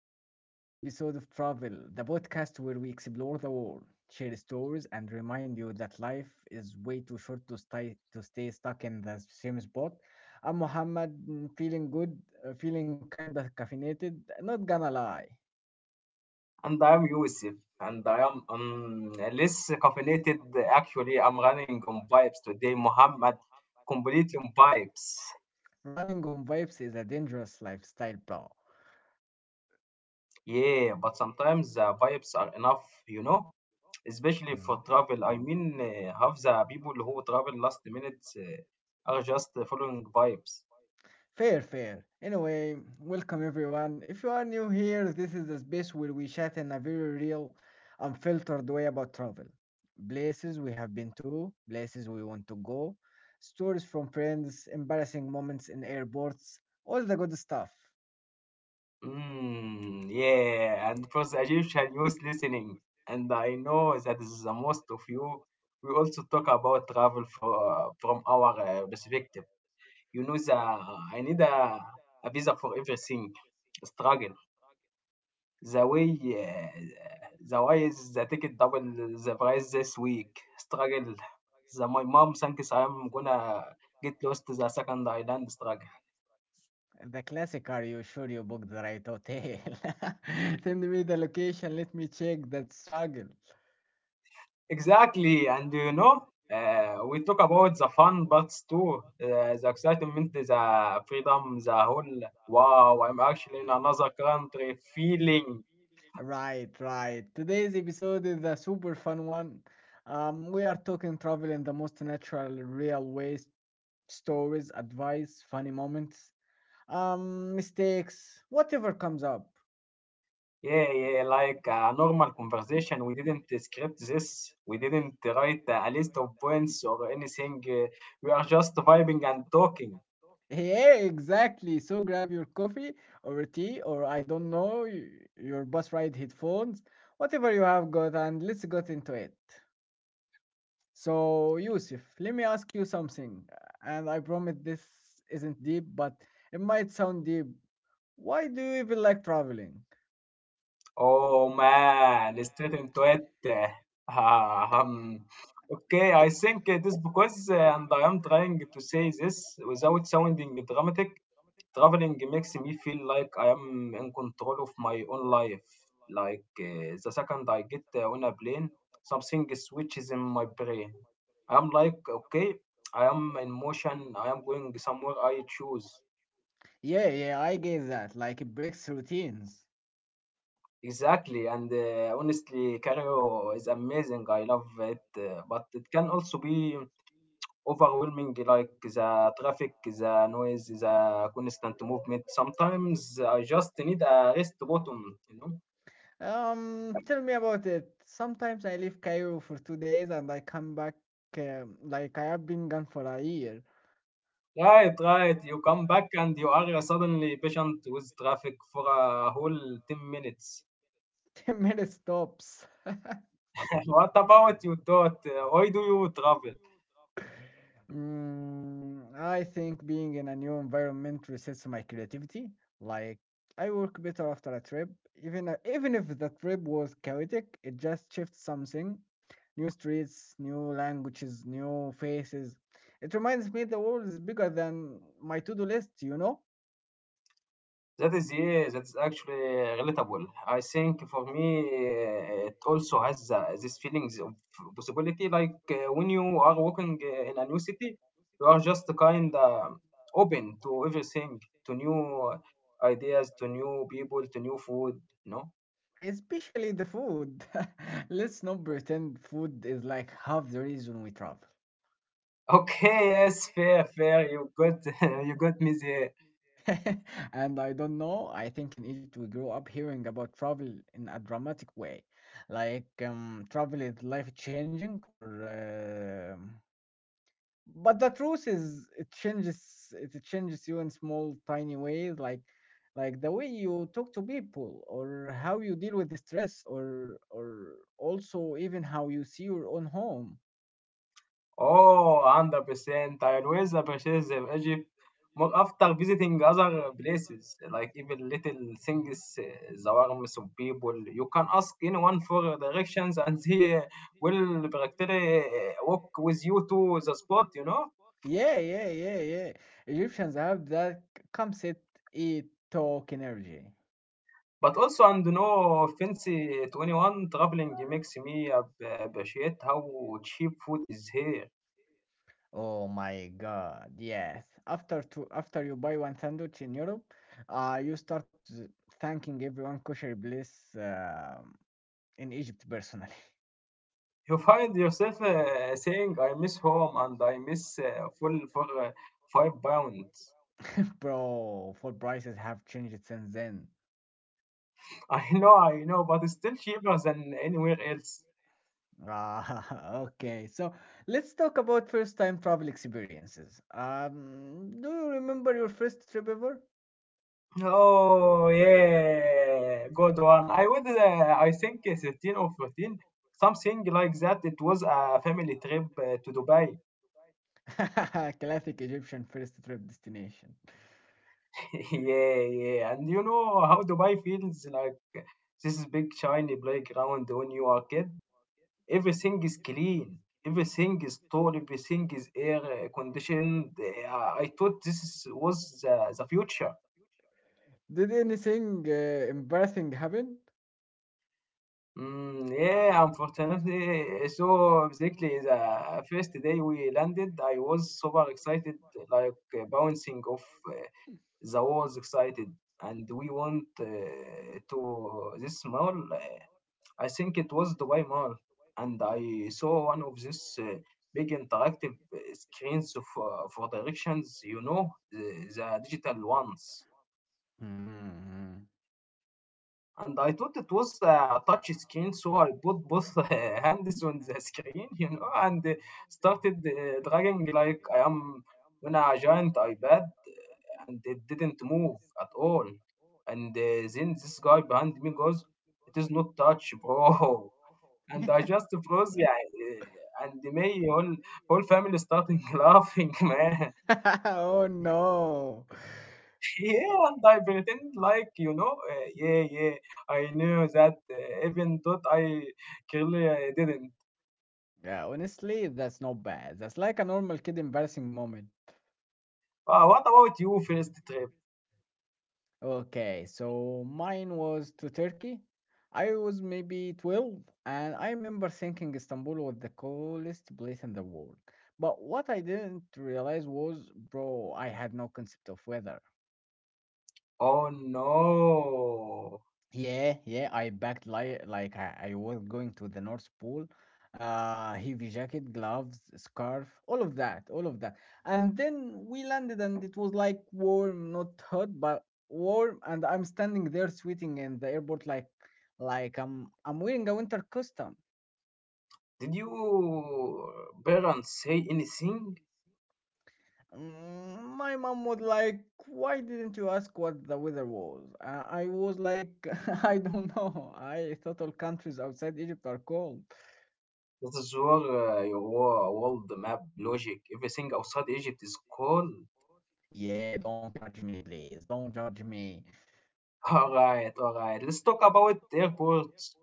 back to another episode of Travel, the podcast where we explore the world, share stories, and remind you that life is way too short to stay stuck in the same spot. I'm Mohammed, feeling good, feeling kinda caffeinated, not gonna lie. And I am Yusuf, and I am less caffeinated. Actually, I'm running on vibes today, Muhammad. Completely on vibes. Running on vibes is a dangerous lifestyle, bro. Yeah, but sometimes the vibes are enough, you know, especially Mhm. for travel. I mean, half the people who travel last minute are just following vibes. Fair, fair. Anyway, welcome everyone. If you are new here, this is the space where we chat in a very real, unfiltered way about travel. Places we have been to, places we want to go, stories from friends, embarrassing moments in airports, all the good stuff. Mm, yeah, and for the Egyptian youth listening, and I know that this is the most of you. We also talk about travel for, from our perspective. You know, the I need a visa for everything. Struggle. The way the why is the ticket double the price this week. Struggle. The my mom thinks I'm gonna get lost to the second island. Struggle. The classic are you sure you booked the right hotel? Send me the location, let me check that struggle. Exactly. And you know. We talk about the fun parts too, the excitement, the freedom, the whole wow, I'm actually in another country In feeling. Really. Right, right. Today's episode is a super fun one. We are talking travel in the most natural, real ways, stories, advice, funny moments, mistakes, whatever comes up. Yeah, yeah, like a normal conversation. We didn't script this. We didn't write a list of points or anything. We are just vibing and talking. Yeah, exactly. So grab your coffee or tea or I don't know, your bus ride headphones, whatever you have got, and let's get into it. So, Yusuf, let me ask you something, and I promise this isn't deep, but it might sound deep. Why do you even like traveling? Oh man, straight into it. Um, okay, I think it is because and I am trying to say this without sounding dramatic. Traveling makes me feel like I am in control of my own life. Like the second I get on a plane, something switches in my brain. I'm like, okay, I am in motion. I am going somewhere I choose. Yeah, yeah, I get that. Like it breaks routines. Exactly. And honestly, Cairo is amazing. I love it. But it can also be overwhelming, like the traffic, the noise, the constant movement. Sometimes I just need a rest button, you know? Tell me about it. Sometimes I leave Cairo for 2 days and I come back like I have been gone for a year. Right, right. You come back and you are suddenly patient with traffic for a whole 10 minutes. 10 minutes tops. What about you thought? Why do you travel? Mm, I think being in a new environment resets my creativity. Like I work better after a trip, even if the trip was chaotic, it just shifts something. New streets, new languages, new faces. It reminds me the world is bigger than my to-do list, you know? That is, yeah, that's actually relatable. I think for me, it also has these feelings of possibility. Like when you are walking in a new city, you are just kind of open to everything, to new ideas, to new people, to new food, you know. Especially the food. Let's not pretend food is like half the reason we travel. Okay, yes, fair, fair. You got you got me there. And I don't know. I think in Egypt we grew up hearing about travel in a dramatic way, like travel is life changing, or but the truth is it changes you in small tiny ways, like the way you talk to people, or how you deal with the stress, or also even how you see your own home. Oh, 100%. I always appreciate the Egypt, more after visiting other places, like even little things, the warmth of people. You can ask anyone for directions, and they will practically walk with you to the spot, you know. Yeah, yeah, yeah, yeah. Egyptians have that come sit, eat, talk energy. But also, and no offense eh, to anyone, traveling makes me appreciate how cheap food is here. Oh my God, yes. After you buy one sandwich in Europe, you start thanking everyone kosher bliss in Egypt personally. You find yourself saying, I miss home and I miss full for 5 pounds. Bro, food prices have changed since then. I know, but it's still cheaper than anywhere else. Ah, okay. So let's talk about first time travel experiences. Do you remember your first trip ever? Oh, yeah, good one. I think 13 or 14, something like that. It was a family trip to Dubai. Classic Egyptian first trip destination. Yeah, yeah, and you know how Dubai feels like this big shiny playground when you are kid. Everything is clean, everything is tall, everything is air conditioned. I thought this was the future. Did anything embarrassing happen? Mm, yeah, unfortunately so. Exactly the first day we landed I was super excited, like bouncing off uh, the walls excited, and we went to this mall, I think it was Dubai Mall, and I saw one of these big interactive screens for directions, you know, the digital ones. Hmm. And I thought it was a touch screen, so I put both hands on the screen, you know, and started dragging like I am on a giant iPad, and it didn't move at all. And then this guy behind me goes, "It is not touch, bro." And I just froze, yeah, and my whole family starting laughing, man. oh no. Yeah, and I pretend like you know, yeah, yeah, I knew that, even though I clearly I didn't. Yeah, honestly, that's not bad. That's like a normal kid embarrassing moment. What about you first trip? Okay, so mine was to Turkey. I was maybe 12, and I remember thinking Istanbul was the coolest place in the world. But what I didn't realize was, bro, I had no concept of weather. Oh no. Yeah, yeah, I packed like I was going to the North Pole. Heavy jacket, gloves, scarf, all of that, all of that. And then we landed, and it was like warm, not hot, but warm. And I'm standing there sweating in the airport, like I'm wearing a winter costume. Did you parents say anything? Mm, my mom was like, "Why didn't you ask what the weather was?" I was like, "I don't know. I thought all countries outside Egypt are cold." This is where your world map logic, everything outside Egypt is cool. Yeah, don't judge me, please. Don't judge me. All right, all right. Let's talk about airports.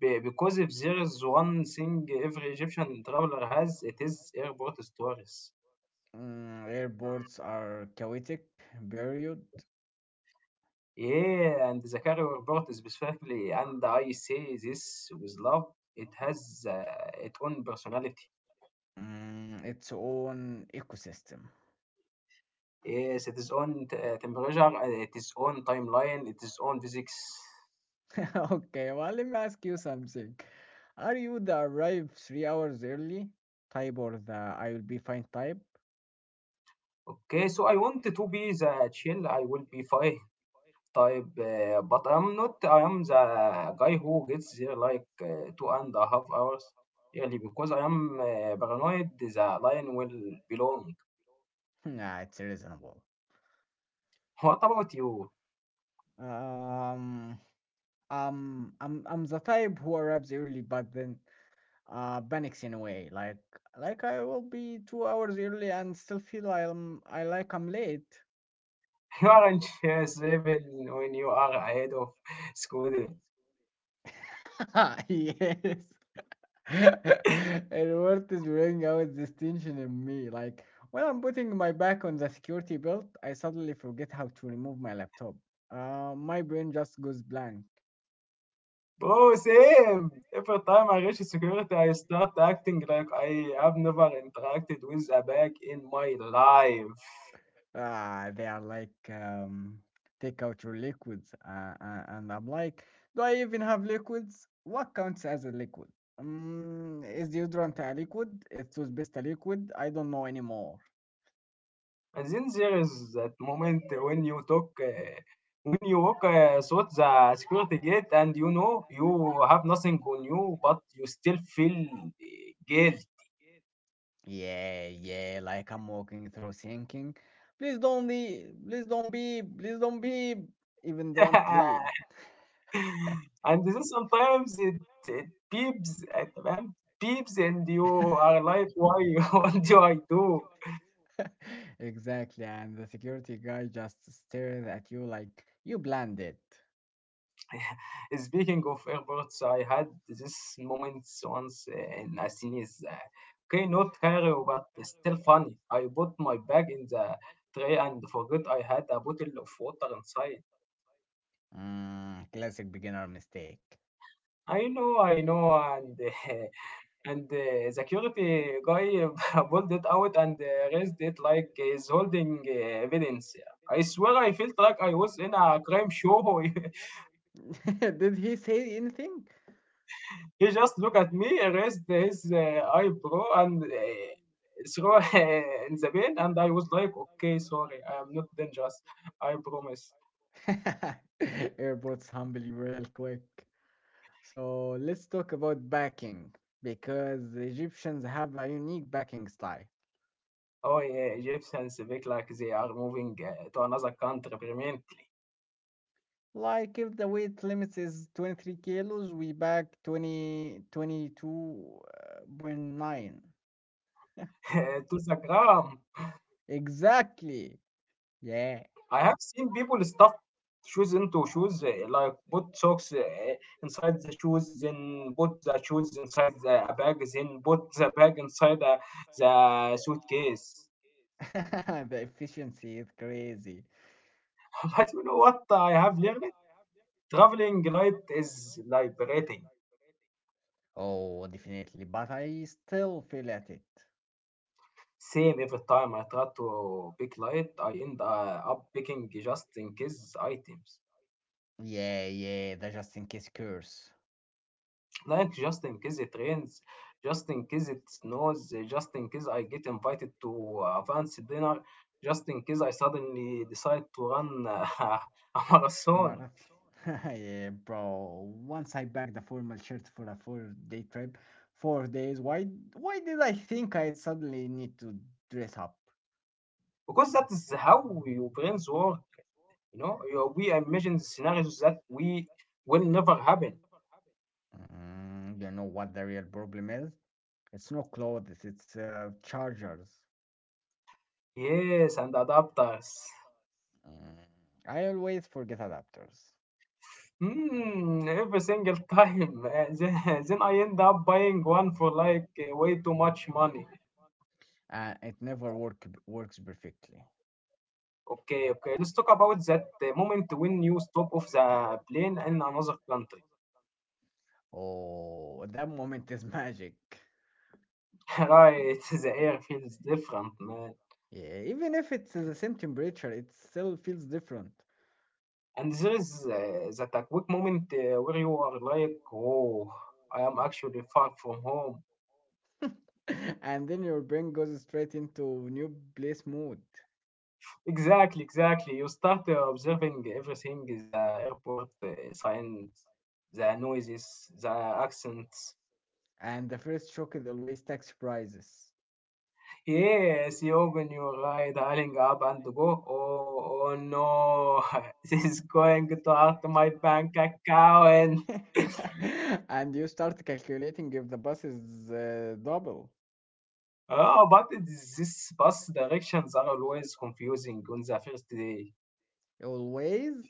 Because if there is one thing every Egyptian traveler has, it is airport stories. Mm, airports are chaotic, period. Yeah, and the career part specifically, and I say this with love, it has its own personality. Mm, its own ecosystem. Yes, its own temperature, its own timeline, its own physics. Okay, well, let me ask you something. Are you the arrive 3 hours early type or the I will be fine type? Okay, so I want to be the chill, I will be fine type, but I'm not, I am the guy who gets there like two and a half hours early because I am paranoid the line will belong. Nah, it's reasonable. What about you? Um, I'm the type who arrives early, but then panics in a way like I will be 2 hours early and still feel I'm I like I'm late. You aren't seven when you are ahead of Scooter. Yes. And what is bringing out this tension in me? Like when I'm putting my back on the security belt, I suddenly forget how to remove my laptop. My brain just goes blank. Bro, same. Every time I reach security, I start acting like I have never interacted with a bag in my life. Ah, they are like, take out your liquids. And I'm like, do I even have liquids? What counts as a liquid? Is deodorant a liquid? Is toothpaste a liquid? I don't know anymore. And then there is that moment when when you walk through the security gate, and you know you have nothing on you, but you still feel guilt. Yeah, yeah, like I'm walking through thinking. Please don't be, please don't be, please don't be, even though I'm clean. And this is sometimes it beeps at man, beeps, and you are like why, what do I do? Exactly, and the security guy just stares at you like you planned it. Speaking of airports, I had this moment once eh, in Assinis. Okay, not carry but still funny. I put my bag in the tray and forgot I had a bottle of water inside. Mm, classic beginner mistake. I know, I know, and uh, and the security guy pulled it out and raised it like he's holding evidence. I swear I felt like I was in a crime show. Did he say anything? He just looked at me, raised his eyebrow, and threw in the bin. And I was like, okay, sorry, I am not dangerous. I promise. Airports humble you real quick. So let's talk about backing because the Egyptians have a unique backing style. Oh, yeah, Egyptians speak like they are moving to another country permanently. Like if the weight limit is 23 kilos, we back twenty twenty two point nine. To the gram. Exactly. Yeah. I have seen people stuff shoes into shoes, like put socks inside the shoes, then put the shoes inside the a bag, then put the bag inside the suitcase. Suitcase. The efficiency is crazy. But you know what? I have learned traveling light is liberating. Oh, definitely. But I still feel at it. Same. Every time I try to pick light, I end up picking just in case items. Yeah, yeah, the just in case curse. Like just in case it rains, just in case it snows, just in case I get invited to a fancy dinner, just in case I suddenly decide to run a a marathon. Marath. Yeah, bro. Once I packed the formal shirt for a four-day trip, 4 days. Why? Why did I think I suddenly need to dress up? Because that is how your brains work, you know. We imagine scenarios that we will never happen. Mm, you know what the real problem is? It's no clothes. It's chargers. Yes, and adapters. Mm, I always forget adapters. Hmm, every single time. Then, then I end up buying one for like way too much money. And it never works perfectly. Okay, okay. Let's talk about that moment when you stop off the plane in another country. Oh, that moment is magic. Right, the air feels different, man. Yeah, even if it's the same temperature, it still feels different. And there is that a quick moment where you are like, oh, I am actually far from home. And then your brain goes straight into new place mode. Exactly, exactly. You start observing everything, the airport signs, the noises, the accents. And the first shock is always tax prices. Yes, Yogan, you're right. Hurrying up and go. Oh, oh no, this is going to hurt my bank account. And you start calculating if the bus is double. Oh, but this bus directions are always confusing on the first day. Always?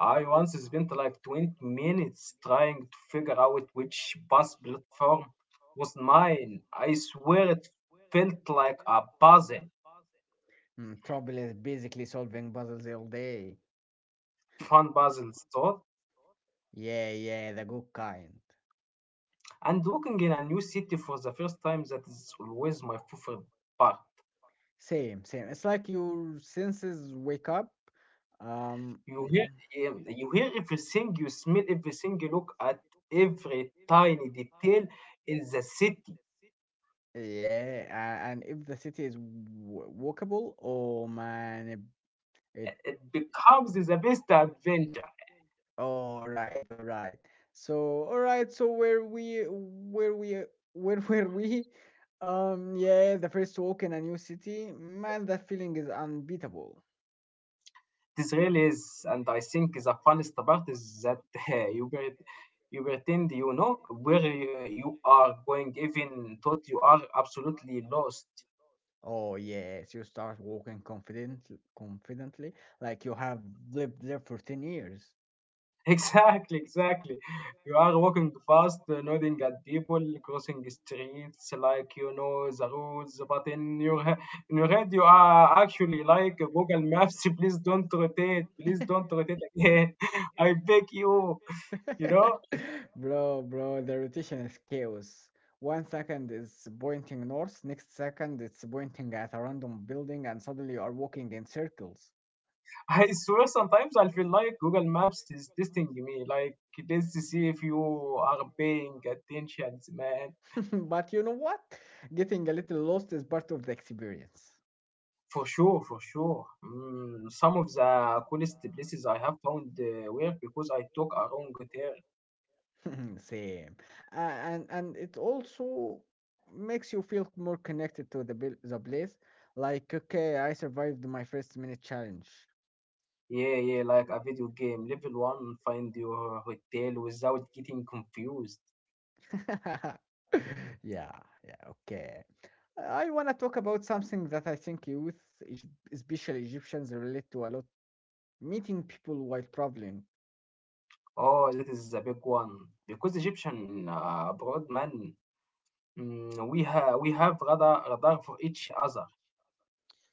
I once spent like 20 minutes trying to figure out which bus platform was mine. I swear it felt like a puzzle, Mm, trouble is basically solving puzzles all day. fun puzzle thought. Yeah, yeah, the good kind. And walking in a new city for the first time, that is always my favorite part. Same, same. It's like your senses wake up. Um, You hear everything, you smell everything, you look at every tiny detail in the city. yeah, and if the city is walkable, oh man, it, it. It becomes the best adventure. All right, all right. So, all right. So where were we? Yeah, the first walk in a new city, man, that feeling is unbeatable. This really is, and I think the funnest part is that you get you pretend you know where you are going even thought you are absolutely lost. Oh yes, you start walking confidently like you have lived there for 10 years. Exactly, exactly. You are walking fast, nodding at people, crossing streets like you know the rules, but in in your head you are actually like Google Maps. Please don't rotate. Please don't rotate again. I beg you. You know, Bro, bro, the rotation is chaos. 1 second it's pointing north, next second it's pointing at a random building, and suddenly you are walking in circles. I swear sometimes I feel like Google Maps is testing me. Like let's see if you are paying attention, man. But you know what? Getting a little lost is part of the experience. For sure, for sure. Mm, some of the coolest places I have found were because I took a wrong turn. Same. And it also makes you feel more connected to the place. Like, okay, I survived my first minute challenge. Yeah, yeah, like a video game. Level one, find your hotel without getting confused. Yeah, yeah, okay. I want to talk about something that I think youth, es- especially Egyptians, relate to a lot meeting people while traveling. Oh, that is a big one. Because Egyptian broad man, mm, we have radar for each other.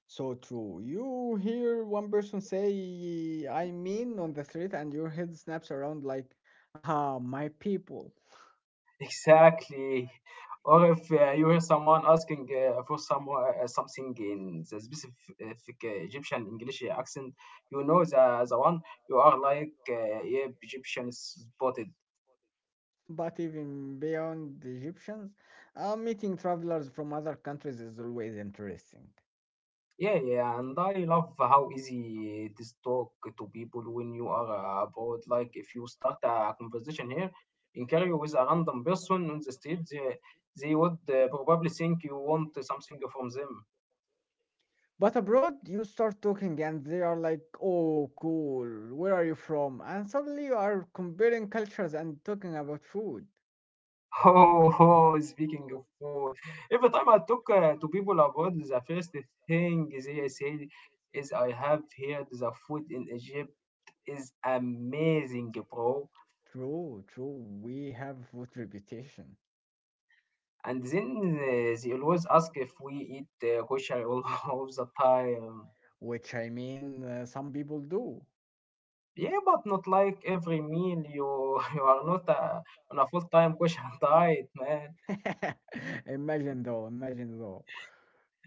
So true. You hear one person say, I mean, on the street, and your head snaps around like, aha, my people. Exactly. Or if you hear someone asking for some something in the specific Egyptian English accent, you know the one you are like, yeah, Egyptian spotted. But even beyond the Egyptians, meeting travelers from other countries is always interesting. Yeah, yeah, and I love how easy it is talk to people when you are abroad. Like if you start a conversation here in Cairo with a random person on the street, they would probably think you want something from them. But abroad, you start talking and they are like, oh, cool, where are you from? And suddenly you are comparing cultures and talking about food. Oh, oh, speaking of food, every time I talk to people abroad, the first thing they say is, I have heard the food in Egypt is amazing, bro. True, true. We have food reputation, And then they always ask if we eat kosher all of the time. which I mean, some people do. Yeah, but not like every meal. You you are not on a full-time kosher diet, man. Imagine though, imagine though.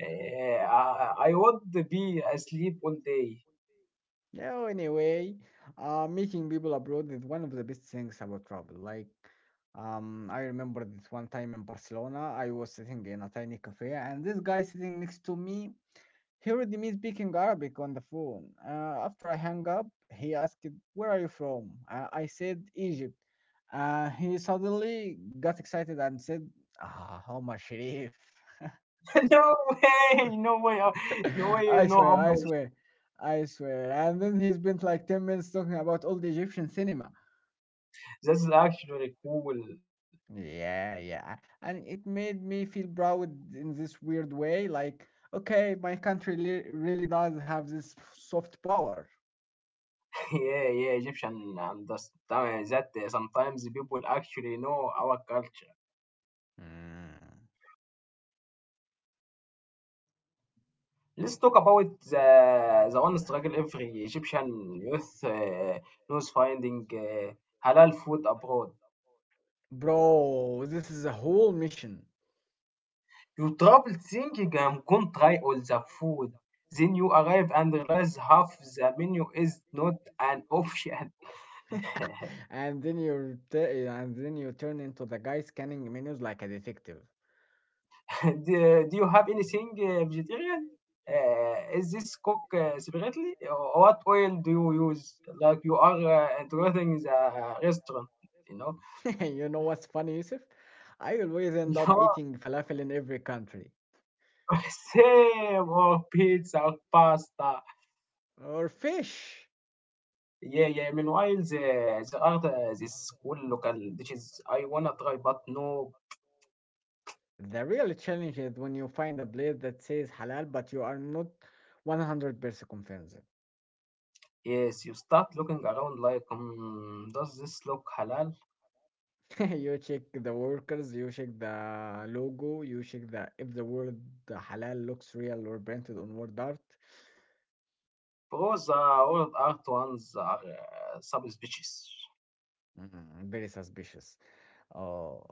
I would be asleep all day. Yeah, anyway, meeting people abroad is one of the best things about travel. Like, I remember this one time in Barcelona, I was sitting in a tiny cafe, and this guy sitting next to me heard me speaking Arabic on the phone. After I hung up, he asked, where are you from? I said, Egypt. He suddenly got excited and said, ah, Omar Sharif. No way, no way, how- no way, I no how swear, I much. swear, I swear. And then he spent like 10 minutes talking about old Egyptian cinema. That's actually cool. Yeah, yeah. And it made me feel proud in this weird way. Like, okay, my country really does have this soft power. Yeah, yeah, Egyptian understand that sometimes people actually know our culture. Mm. Let's talk about the one struggle every Egyptian youth knows finding halal food abroad. Bro, this is a whole mission. You trouble thinking I'm gonna try all the food. Then you arrive and realize half the menu is not an option. And then you turn into the guy scanning menus like a detective. Do you have anything vegetarian? Is this cooked separately? Or what oil do you use? Like you are integrating the restaurant, you know? You know what's funny, Yusuf? I always end up Your eating falafel in every country. same or pizza or pasta. Or fish. Yeah, yeah. Meanwhile, the, there are the, this cool local dishes I wanna try, but no. The real challenge is when you find a place that says halal but you are not 100% convinced. Yes, you start looking around like, mm, does this look halal? You check the workers, you check the logo, you check the if the word halal looks real or printed on word art. Bro, the world art ones are subspecies. Mm, very suspicious. Oh,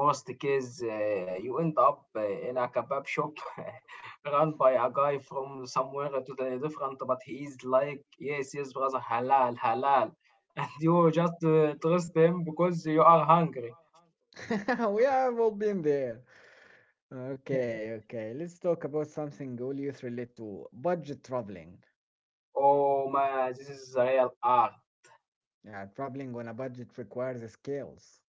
Worst case, you end up in a kebab shop run by a guy from somewhere totally different, but he is like, yes, yes, brother, halal, halal. And you just trust him because you are hungry. we have all been there. Okay, okay. Let's talk about something all youth relate to: budget traveling. Oh man, this is the real art. Yeah, traveling on a budget requires skills.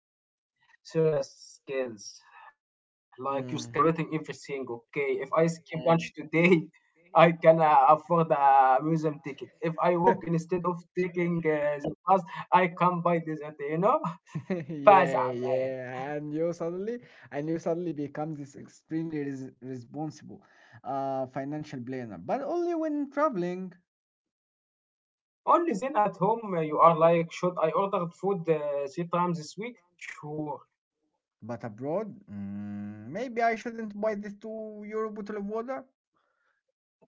Serious skills. Like you start Mm. calculating everything. Okay, if I skip lunch today, I can afford a museum ticket. If I walk instead of taking the bus, I can buy this. Okay, you know. Yeah, Fazam, man. yeah, and you suddenly become this extremely responsible financial planner, but only when traveling. Only then at home you are like, should I order food three times this week? Sure. But abroad, mm, maybe I shouldn't buy this €2 bottle of water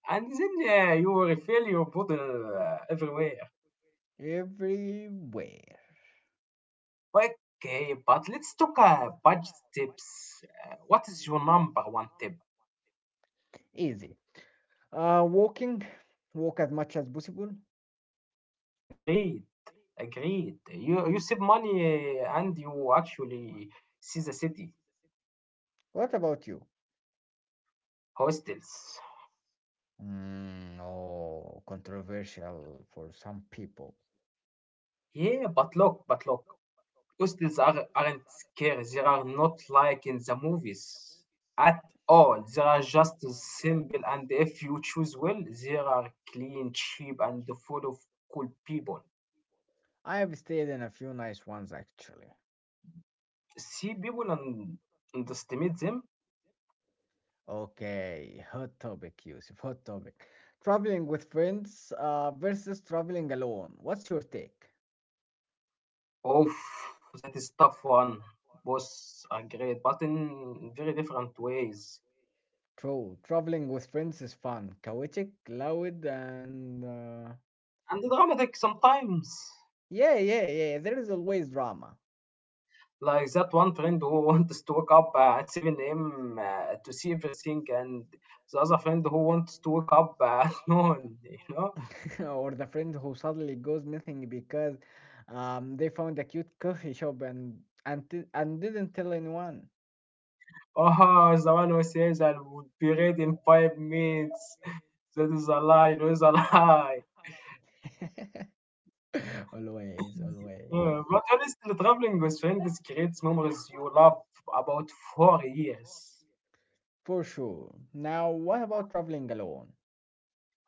And then you refill your bottle everywhere. everywhere. Okay, but let's talk budget tips. What is your number one tip? Easy. Walking, walk as much as possible. Agreed, agreed. You save money and you actually see the city, What about you? hostels. Mm, oh, controversial for some people. Yeah, but look, but look. Costumes are, aren't scary. They are not like in the movies at all. They are just simple, and if you choose well, they are clean, cheap, and full of cool people. I have stayed in a few nice ones actually. See people and underestimate them. Okay, hot topic, Yusuf. Hot topic. Traveling with friends versus traveling alone. What's your take? Oh, that is tough one. Both are great, but in very different ways. True. Traveling with friends is fun, chaotic, loud, and And dramatic sometimes. yeah, yeah, yeah. There is always drama, Like that one friend who wants to wake up at 7 a.m. To see everything, and the other friend who wants to wake up at noon, you know? or the friend who suddenly goes missing because they found a cute coffee shop and didn't tell anyone. Oh, the one who says I would be ready in 5 minutes. That is a lie, it is a lie. Always, always, Yeah, but honestly, traveling with friends creates memories you love about 4 years. for sure. Now, what about traveling alone?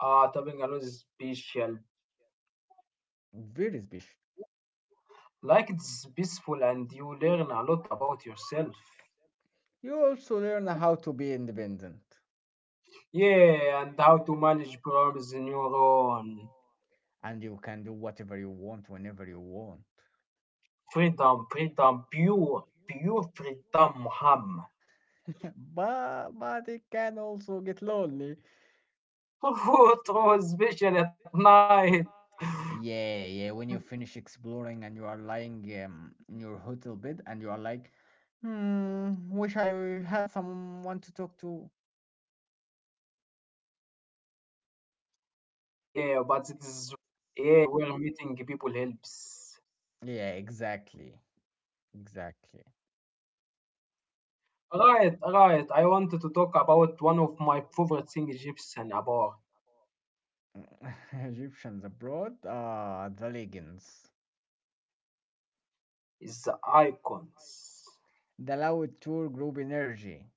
Traveling alone is special. Very special. Like it's peaceful and you learn a lot about yourself. You also learn how to be independent Yeah, and how to manage problems in your own. and you can do whatever you want whenever you want. Freedom, freedom, pure, pure freedom, Muhammad. But it can also get lonely. True, true, especially at night. Yeah, yeah, when you finish exploring and you are lying in your hotel bed and you are like, hmm, wish I had someone to talk to. Yeah, but it is where meeting people Yeah, helps. exactly. Exactly. Right, right. I wanted to talk about one of my favorite things Egyptian about Egyptians abroad are the legends. is the icons. The loud tour group energy.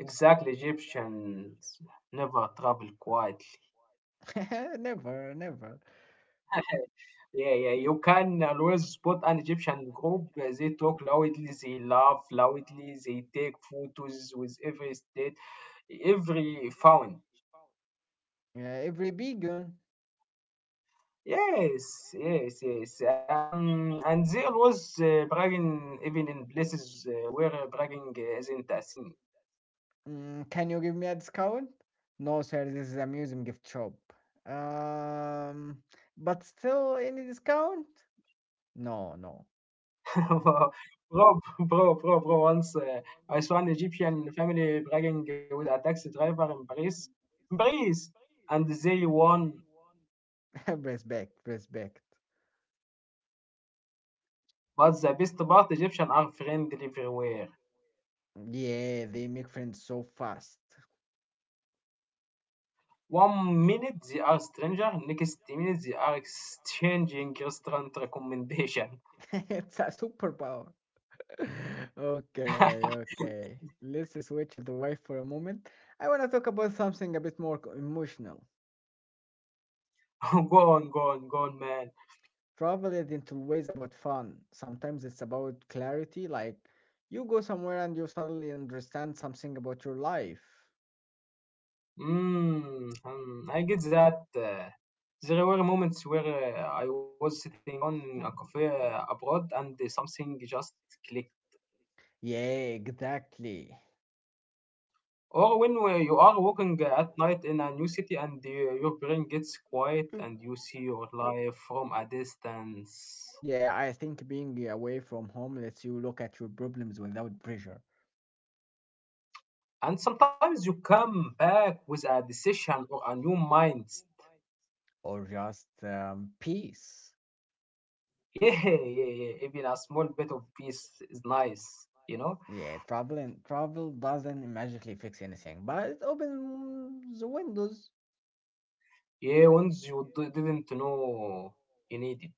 Exactly, Egyptians never travel quietly. Never, never. Yeah, yeah. You can always spot an Egyptian group. They talk loudly, they laugh loudly, they take photos with every state, every fountain. Every vegan. Yes, yes, yes. And they always bragging even in places where bragging isn't a thing. Mm, can you give me a discount? No, sir, this is a museum gift shop. Um, but still, any discount? No, no. Bro, bro, bro, bro. Once I saw an Egyptian family bragging with a taxi driver in Paris. In Paris, and they won. Respect, respect. But the best part, Egyptians are friendly everywhere. Yeah, they make friends so fast. One minute they are stranger, next minute they are exchanging restaurant recommendation. It's a superpower. Okay, okay. Let's switch the wife for a moment. I want to talk about something a bit more emotional. Go on, go on, go on, man. Travel isn't always about fun. Sometimes it's about clarity, like you go somewhere and you suddenly understand something about your life. Mm, hmm, I get that. There were moments where I was sitting alone in a cafe abroad and something just clicked. Yeah, exactly. Or when you are walking at night in a new city and your brain gets quiet Mm. and you see your life from a distance. Yeah, I think being away from home lets you look at your problems without pressure And sometimes you come back with a decision or a new mind. or just peace. Yeah, yeah, yeah. Even a small bit of peace is nice, you know? Yeah, travel doesn't magically fix anything, but it opens the windows. Yeah, once you didn't know you needed.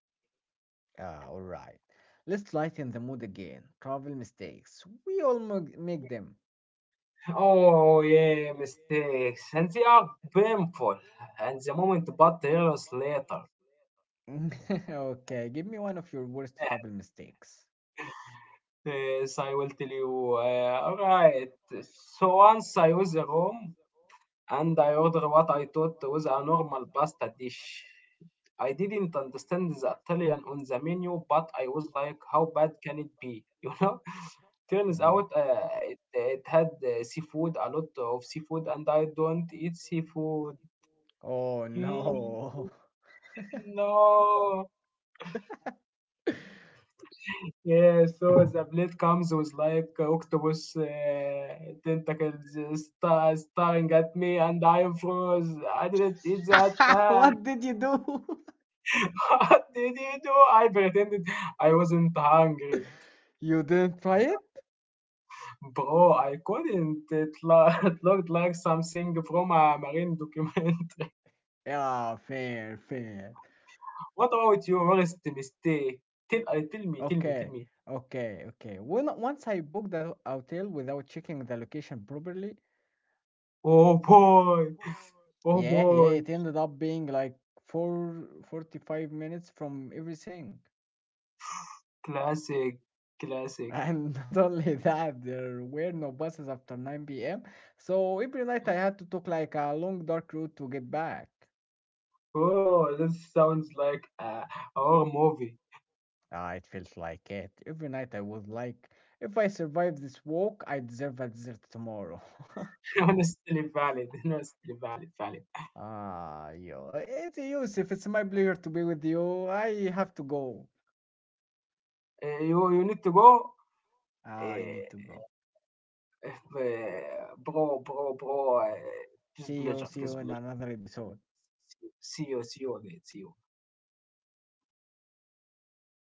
Ah, all right. Let's lighten the mood again. Travel mistakes. We all make them. Oh, yeah, mistakes. And they are painful. And the moment, but years later. Okay, give me one of your worst travel mistakes. Yes, I will tell you. Alright. So once I was a room, and I ordered what I thought was a normal pasta dish. I didn't understand the Italian on the menu, but I was like, how bad can it be? You know, turns Mm. out it had seafood, a lot of seafood, and I don't eat seafood. Oh Eee, no. no. Yeah, so the plate comes with like octopus tentacles staring at me, and I froze. I didn't eat that, man. What did you do? What did you do? I pretended I wasn't hungry. You didn't try it? Bro, I couldn't. It looked like something from a marine document. Yeah, fair, fair. What about your worst mistake? Tell, tell me, tell me, tell Okay, me. okay, okay. When once I booked the hotel without checking the location properly, Oh boy, oh yeah, yeah, boy. it ended up being like four 45 minutes from everything. Classic, classic. And not only that, there were no buses after 9 p.m. So every night I had to take like a long dark route to get back. Oh, this sounds like a horror movie. Ah, it felt like it. Every night I was like, if I survive this walk, I deserve a dessert tomorrow. Honestly valid, honestly valid, valid. Ah, yo, it's Yusuf. It's my pleasure to be with you. I have to go. You need to go? Ah, I Uh, need to go. Bro, bro, bro! Just believe See it. you Just in believe another episode. it. See you. See you again. See you.